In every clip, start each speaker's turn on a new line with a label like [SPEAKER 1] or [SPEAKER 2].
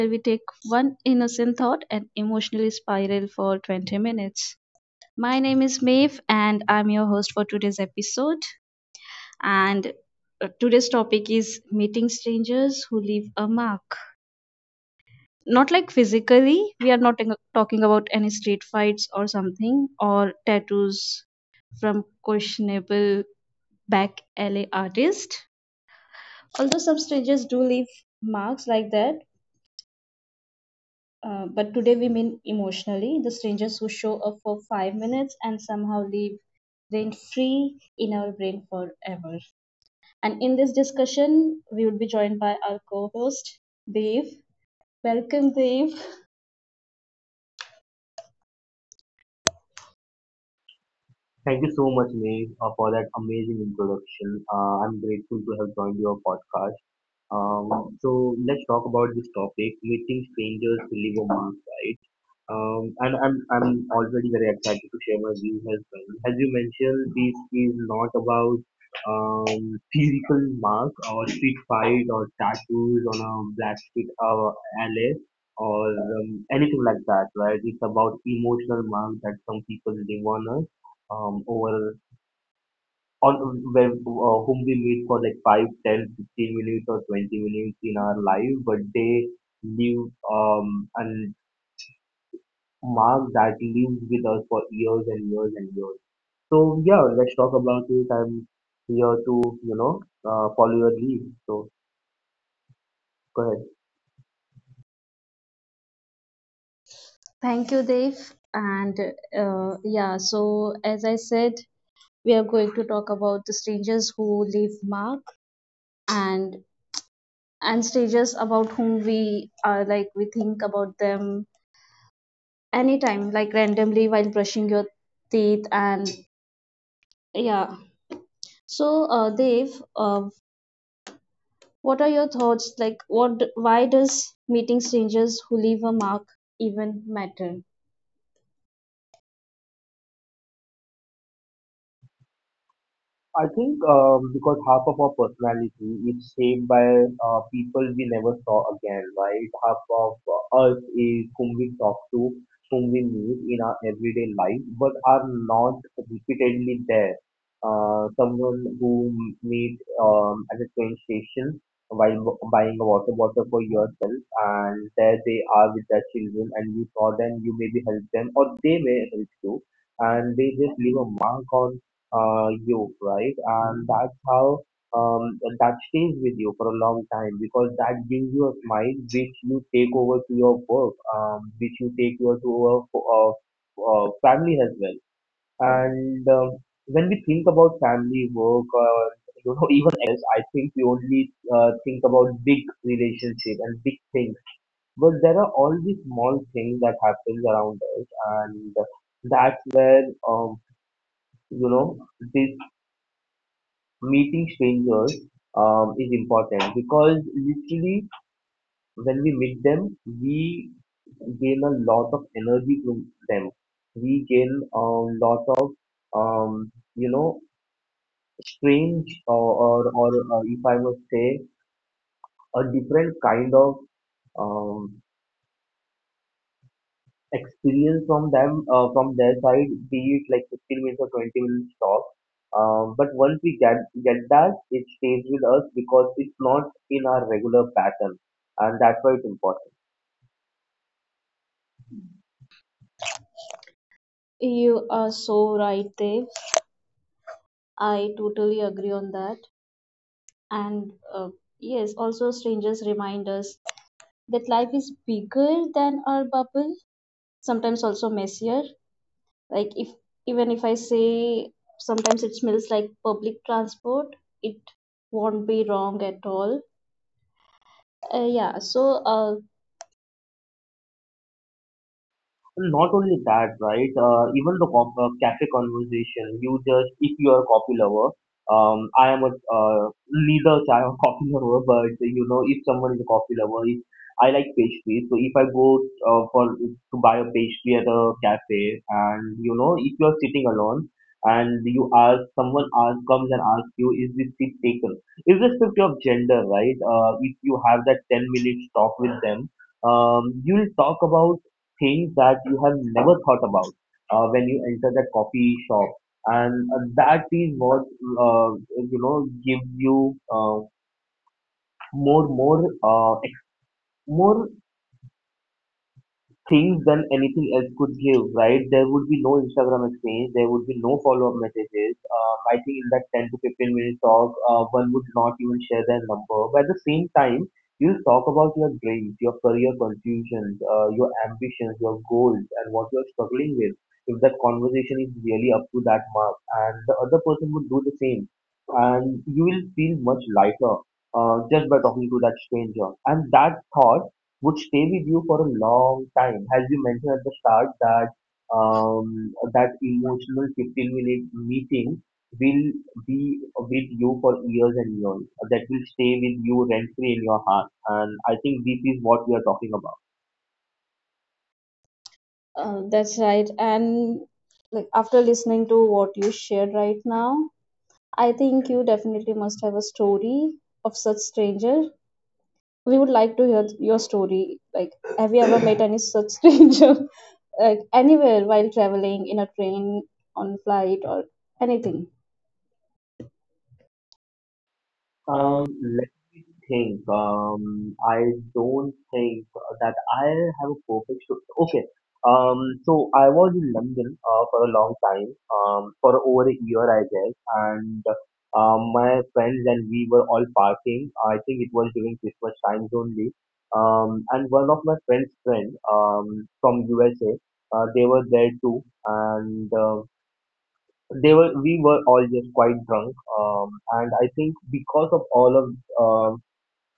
[SPEAKER 1] where we take one innocent thought and emotionally spiral for 20 minutes. My name is Maeve, and I'm your host for today's episode. And today's topic is meeting strangers who leave a mark. Not like physically, we are not talking about any street fights or something, or tattoos from questionable back alley artist. Although some strangers do leave marks like that, but today we mean emotionally the strangers who show up for 5 minutes and somehow leave rent free in our brain forever. And in this discussion, we would be joined by our co host, Dev. Welcome, Dev.
[SPEAKER 2] Thank you so much, Meg, for that amazing introduction. I'm grateful to have joined your podcast. So let's talk about this topic, meeting strangers who live on, right? And I'm already very excited to share my views as well. As you mentioned, this is not about physical mark or street fight or tattoos on a black street alley or anything like that, right? It's about emotional mark that some people leave on us, over on where, whom we meet for like 5, 10, 15 minutes or 20 minutes in our life, but they leave and mark that lives with us for years and years and years. So yeah, let's talk about it. I'm here to follow your lead, so go ahead.
[SPEAKER 1] Thank you, Dev. And yeah, so as I said, we are going to talk about the strangers who leave mark and strangers about whom we are like we think about them anytime like randomly while brushing your teeth, and yeah, so Dave, uh, what are your thoughts, like what, why does meeting strangers who leave a mark even matter?
[SPEAKER 2] I think because half of our personality is shaped by people we never saw again, right? Half of us is whom we talk to, whom we meet in our everyday life, but are not repeatedly there. Someone who meet at a train station while buying a water bottle for yourself, and there they are with their children, and you saw them, you maybe help them, or they may help you, and they just leave a mark on you, right? And that's how, that stays with you for a long time, because that gives you a smile which you take over to your work, which you take over to a family as well. And when we think about family work, even excess, I think we only think about big relationship and big things. But there are all these small things that happens around us, and that's where you know this meeting strangers is important, because literally when we meet them, we gain a lot of energy from them. We gain a lot of um, you know strange or, if I must say, a different kind of um, experience from them, from their side, be it like 15 minutes or 20 minutes talk, But once we get that, it stays with us, because it's not in our regular pattern, and that's why it's important.
[SPEAKER 1] You are so right, Dave. I totally agree on that. And yes, also strangers remind us that life is bigger than our bubble, sometimes also messier. Like if even if I say sometimes it smells like public transport, it won't be wrong at all. Yeah, so uh,
[SPEAKER 2] Not only that, right? Even the cafe conversation, you just, if you are a coffee lover, I am a neither I am coffee lover, but, if someone is a coffee lover, if, I like pastries. So if I go for to buy a pastry at a cafe, and, if you are sitting alone and you ask someone ask comes and asks you, is this seat taken? Irrespective of gender, right? If you have that 10 minutes talk with them, you'll talk about things that you have never thought about when you enter that coffee shop. And that is what, you know gives you more more things than anything else could give, right? There would be no Instagram exchange, there would be no follow up messages. I think in that 10 to 15 minute talk, one would not even share their number. But at the same time, you talk about your dreams, your career confusions, your ambitions, your goals, and what you're struggling with. If that conversation is really up to that mark, and the other person would do the same, and you will feel much lighter, just by talking to that stranger. And that thought would stay with you for a long time. As you mentioned at the start, that that emotional 15-minute meeting will be with you for years and years. That will stay with you rent free in your heart. And I think this is what we are talking about.
[SPEAKER 1] that's right. And like after listening to what you shared right now, I think you definitely must have a story of such stranger. We would like to hear your story, like have you ever met any such stranger like anywhere while traveling, in a train, on flight, or anything? um,
[SPEAKER 2] Let me think. I don't think that I have a perfect story. Okay. Um, so I was in London for a long time, for over a year, I guess. And my friends and we were all partying. I think it was during Christmas times only. And one of my friend's friend, from USA, they were there too. And they were we were all just quite drunk, and I think because of all of um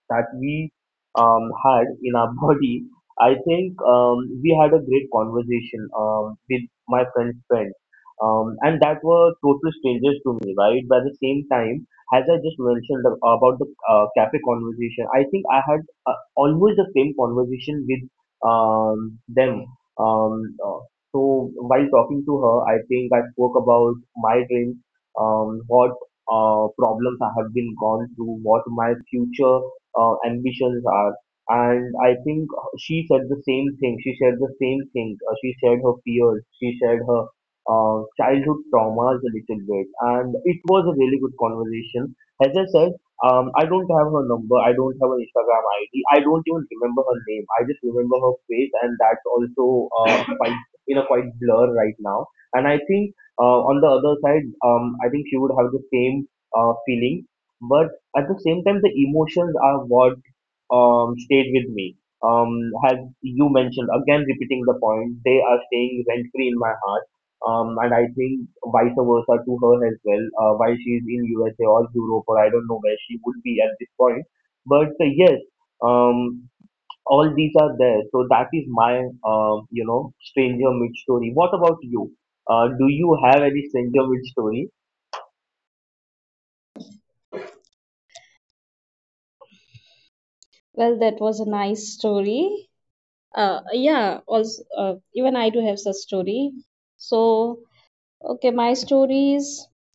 [SPEAKER 2] that we, had in our body, I think, we had a great conversation with my friend's friend. And that were total strangers to me, right? By the same time, as I just mentioned, about the cafe conversation, I think I had, almost the same conversation with them. Um, uh, so while talking to her, I think I spoke about my dreams, what problems I have been gone through, what my future ambitions are. And I think she said the same thing. She shared the same thing. She shared her fears. She shared her childhood traumas a little bit. And it was a really good conversation. As I said, I don't have her number. I don't have an Instagram ID. I don't even remember her name. I just remember her face, and that's also quite in a quite blur right now. And I think, on the other side, I think she would have the same feeling. But at the same time, the emotions are what, stayed with me, um, as you mentioned, again repeating the point, they are staying rent free in my heart. And I think vice versa to her as well, while she is in USA or Europe or I don't know where she would be at this point. But yes, um, all these are there. So that is my, stranger mid story. What about you? Do you have any stranger mid story?
[SPEAKER 1] well, that was a nice story. Yeah, also, even I do have such story. So, okay, my story is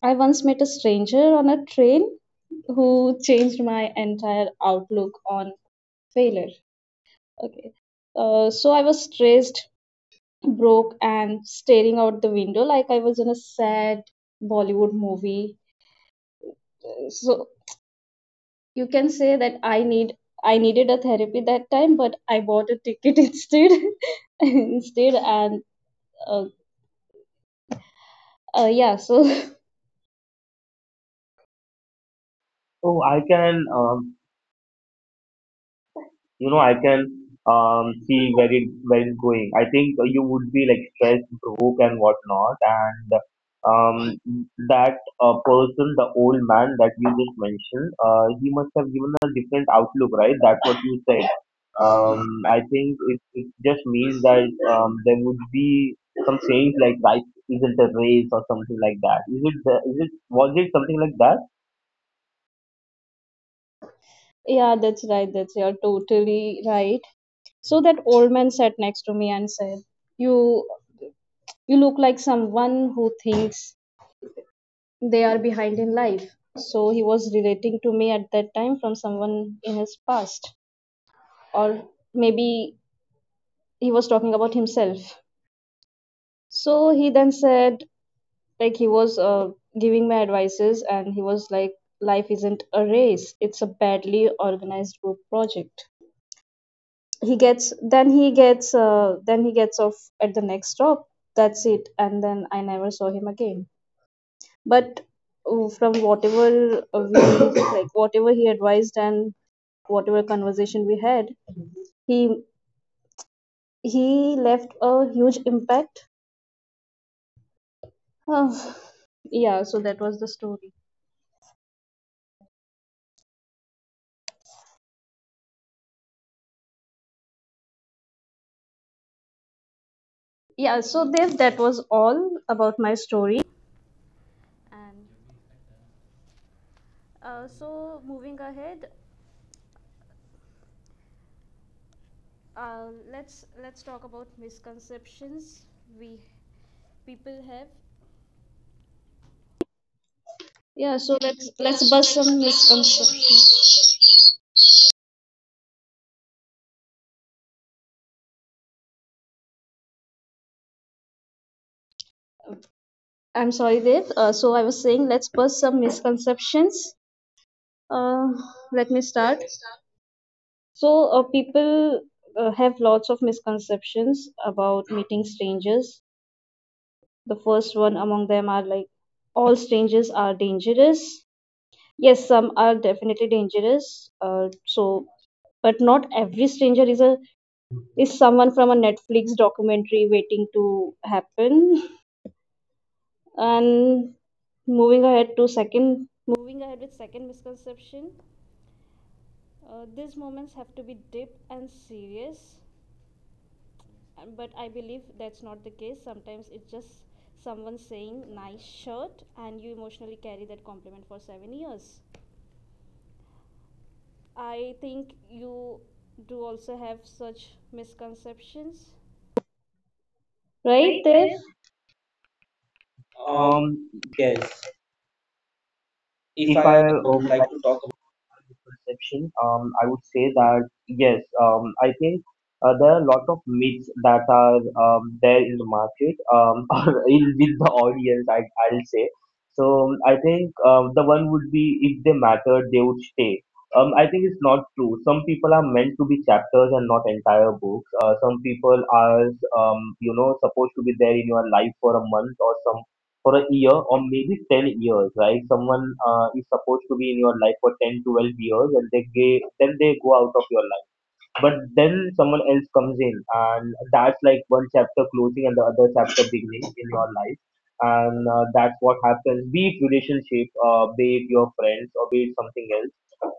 [SPEAKER 1] I once met a stranger on a train who changed my entire outlook on failure. Okay. So I was stressed, broke, and staring out the window like I was in a sad Bollywood movie. So you can say that I needed a therapy that time, but I bought a ticket instead. instead, and uh, yeah, so
[SPEAKER 2] Oh, I can, you know i can see where it where it's going. I think you would be like stressed, broke, and whatnot. And um that person, the old man that you just mentioned, he must have given a different outlook, right? That's what you said. Um,
[SPEAKER 1] Um,
[SPEAKER 2] I think it just means that there would be some change, like life isn't a race or something like that. Is it the- is it was it something like that,
[SPEAKER 1] yeah, that's right. That's right. You're totally right. So that old man sat next to me and said, "You, you look like someone who thinks they are behind in life." So he was relating to me at that time from someone in his past, or maybe he was talking about himself. So he then said, like he was giving me advices, and he was like, "Life isn't a race; it's a badly organized group project." he gets Then he gets then he gets off at the next stop. That's it, and then I never saw him again. But from whatever we like whatever he advised and whatever conversation we had, he he left a huge impact. Oh, yeah, so that was the story. Yeah, so Dev, that was all about my story. And so moving ahead, let's talk about misconceptions we people have. Yeah, so let's bust some misconceptions. I'm sorry, Dev. So I was saying let's bust some misconceptions. Uh, let me start. So people have lots of misconceptions about meeting strangers. The first one among them are like all strangers are dangerous. Yes, some are definitely dangerous. Uh, so, but not every stranger is a is someone from a Netflix documentary waiting to happen. And moving ahead to second, moving ahead with second misconception, these moments have to be deep and serious. But I believe that's not the case. Sometimes it's just someone saying nice shirt and you emotionally carry that compliment for 7 years. I think you do also have such misconceptions, right
[SPEAKER 2] right?
[SPEAKER 1] there?
[SPEAKER 2] This.
[SPEAKER 1] Um,
[SPEAKER 2] Um,
[SPEAKER 1] yes. If
[SPEAKER 2] if I
[SPEAKER 1] I would
[SPEAKER 2] would
[SPEAKER 1] like
[SPEAKER 2] like
[SPEAKER 1] to
[SPEAKER 2] to
[SPEAKER 1] talk
[SPEAKER 2] talk about my perception, I would say that yes, I think there are a lot of myths that are there in the market, or, with the audience, I'll say. So I think the one would be, if they mattered, they would stay. I think it's not true. Some people are meant to be chapters and not entire books. Some people are, supposed to be there in your life for a month, or some for a year, or maybe 10 years, right? Someone is supposed to be in your life for 10 12 years, and they then they go out of your life, but then someone else comes in, and that's like one chapter closing and the other chapter beginning in your life. And that's what happens, be it relationship, be it your friends, or be it something else,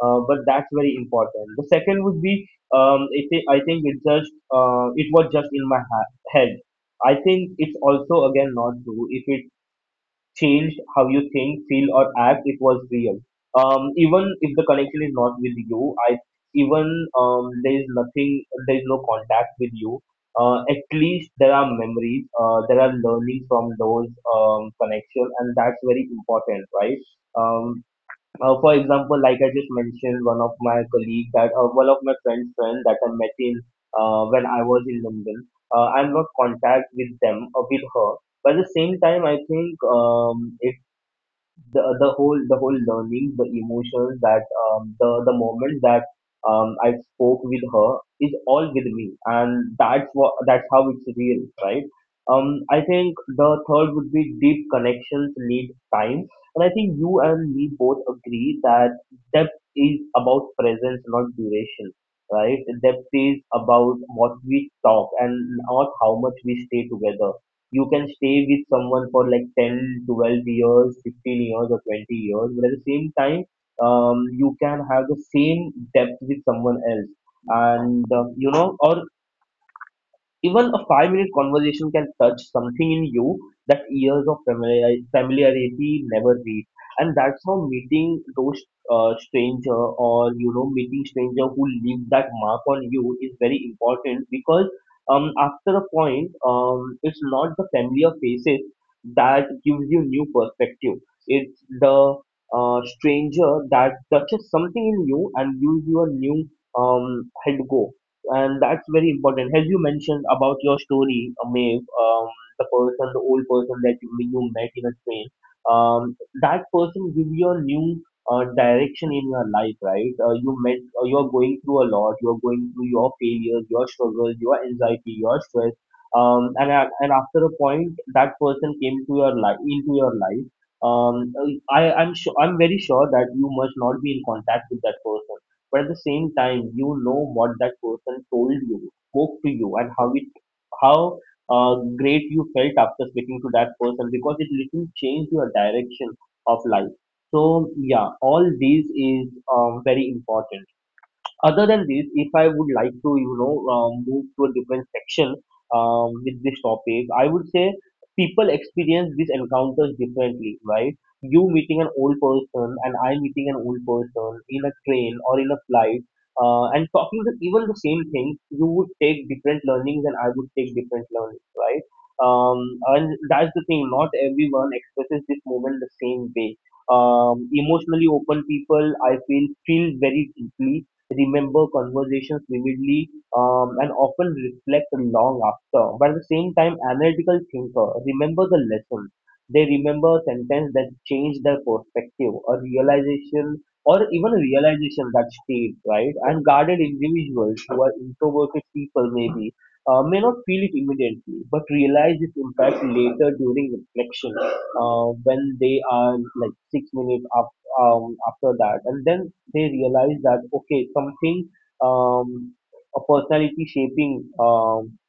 [SPEAKER 2] but that's very important. The second would be, it, I think it just it was just in my head. I think it's also, again, not true. If it changed how you think, feel, or act, it was real. Even if the connection is not with you, I even there is nothing, there is no contact with you. At least there are memories, there are learning from those connections, and that's very important, right? Um, for example, like I just mentioned, one of my friends' friend that I met in when I was in London. I'm not contact with them or with her. But at the same time, I think the whole learning, the emotions that, the moment that, I spoke with her is all with me, and that's what that's how it's real, right? I think the third would be, deep connections need time. And I think you and me both agree that depth is about presence, not duration, right? Depth is about what we talk and not how much we stay together. You can stay with someone for like 10, 12 years, 15 years, or 20 years, but at the same time, you can have the same depth with someone else and you know or even a 5 minute conversation can touch something in you that years of familiarity never reach. And that's how meeting those stranger or meeting stranger who leave that mark on you is very important because after a point it's not the familiar faces that gives you new perspective. It's the stranger that touches something in you and gives you a new head go, and that's very important. As you mentioned about your story, Maeve, the person, the old person that you met in a train, um, that person give you a new direction in your life, right? You met, you're going through a lot. You're going through your failures, your struggles, your anxiety, your stress. And after a point, that person came into your life. Um, I'm very sure that you must not be in contact with that person, but at the same time, you know what that person told you, spoke to you, and how uh, great you felt after speaking to that person, because it literally changed your direction of life. So yeah, all these is very important. Other than this, if I would like to, move to a different section with this topic, I would say people experience these encounters differently, right? You meeting an old person and I meeting an old person in a train or in a flight, and talking even the same things, you would take different learnings and I would take different learnings, right? Um, and that's the thing. Not everyone expresses this moment the same way. Emotionally open people, I feel very deeply, remember conversations vividly, and often reflect long after. But at the same time, analytical thinker remember the lesson. They remember a sentence that changed their perspective, a realization, or even a realization that stayed, right? And guarded individuals, who are introverted people, maybe may not feel it immediately, but realize its impact later during reflection, when they are like 6 minutes up, after that. And then they realize that okay, something, um a personality shaping, um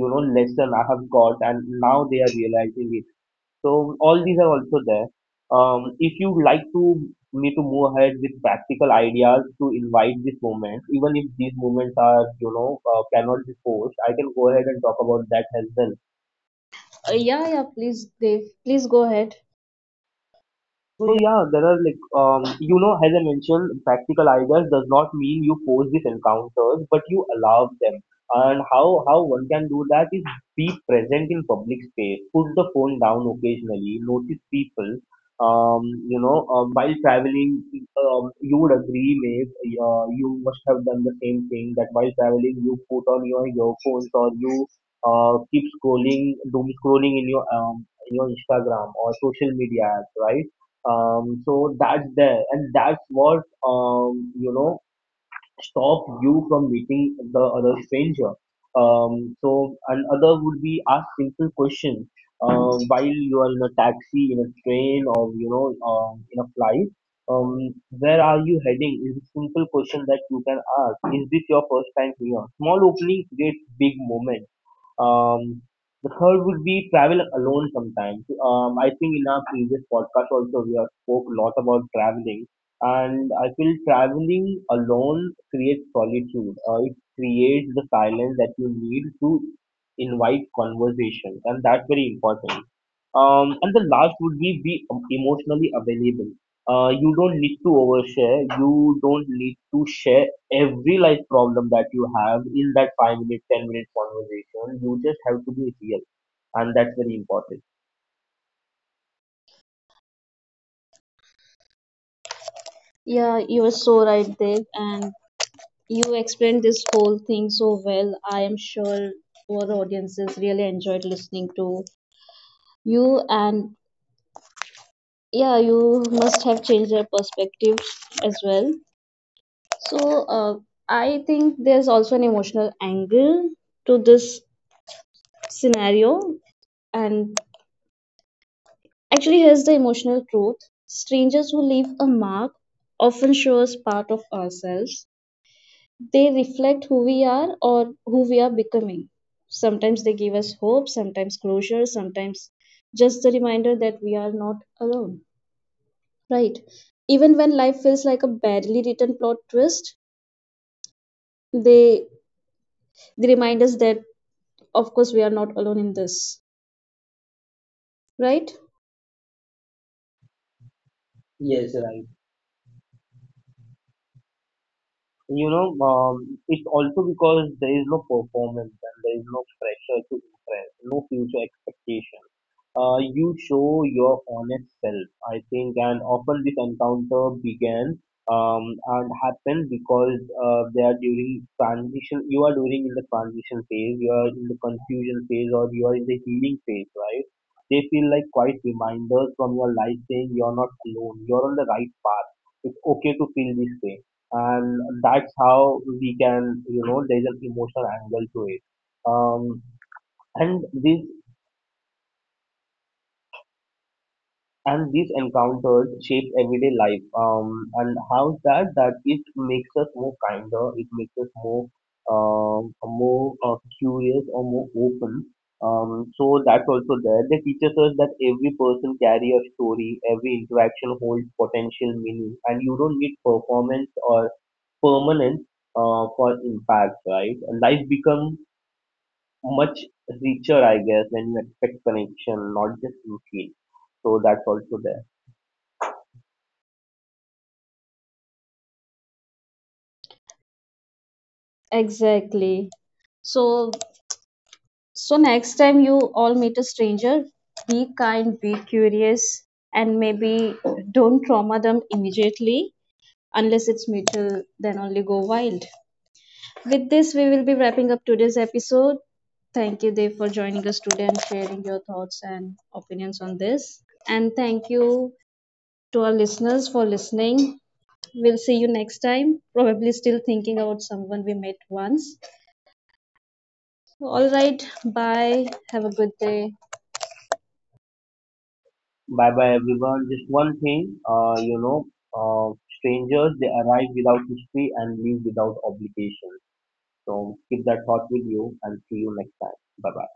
[SPEAKER 2] lesson I have got, and now they are realizing it. So all these are also there. If you like to me to move ahead with practical ideas to invite this moment, even if these moments are cannot be forced, I can go ahead and talk about that as well.
[SPEAKER 1] about yeah, please Dave, please go ahead.
[SPEAKER 2] So yeah, there are like as I mentioned, practical ideas does not mean you force these encounters, but you allow them. And how one can do that is, be present in public space, put the phone down occasionally, notice people. Um, while traveling, you would agree, Maeve, you must have done the same thing that while traveling, you put on your earphones, or you keep doom scrolling in your Instagram or social media apps, right? So that's there, and that's what stop you from meeting the other stranger. So another would be, ask simple questions, while you are in a taxi, in a train, or in a flight. um, where are you heading is a simple question that you can ask. Is this your first time here? Small opening creates big moment. um, the third would be, travel alone sometimes. I think in our previous podcast also, we have spoke a lot about traveling, and I feel traveling alone creates solitude. It creates the silence that you need to invite conversation, and that's very important. And the last would be emotionally available. You don't need to overshare. You don't need to share every life problem that you have in that 5 minute, 10 minute conversation. You just have to be real, and that's very important.
[SPEAKER 1] Yeah, you are so right, Dev, and you explained this whole thing so well. I am sure our audiences really enjoyed listening to you, and yeah, you must have changed their perspective as well. So, I think there's also an emotional angle to this scenario, and actually, here's the emotional truth: strangers who leave a mark often show us part of ourselves. They reflect who we are or who we are becoming. Sometimes they give us hope, sometimes closure, sometimes just the reminder that we are not alone. Right. Even when life feels like a badly written plot twist, they they remind us that of course we are not alone in this. Right?
[SPEAKER 2] Yes,
[SPEAKER 1] Yes, sir.
[SPEAKER 2] right. It's also because there is no performance, and there is no pressure to impress, no future expectation. You show your honest self, I think, and often this encounter began um, and happened because they are during transition. You are during in the transition phase, you are in the confusion phase, or you are in the healing phase, right? They feel like quite reminders from your life saying, you're not alone, you're on the right path. It's okay to feel this way, and that's how we can, you know, there's an emotional angle to it. Um, and this and these encounters shape everyday life, and how's that it makes us more kinder, it makes us um more curious, or more open. So that's also there. They teaches us that every person carry a story, every interaction holds potential meaning, and you don't need performance or permanence for impact, right? Life becomes much richer, I guess, when you expect connection, not just routine. So that's also there.
[SPEAKER 1] Exactly. So, next time you all meet a stranger, be kind, be curious, and maybe don't trauma them immediately. Unless it's mutual, then only go wild. With this, we will be wrapping up today's episode. Thank you, Dev, for joining us today and sharing your thoughts and opinions on this. And thank you to our listeners for listening. We'll see you next time. Probably still thinking about someone we met once. All right. Bye. Have a good day.
[SPEAKER 2] Bye bye everyone. Just one thing, uh, strangers, they arrive without history and leave without obligation. So keep that thought with you, and see you next time. Bye bye.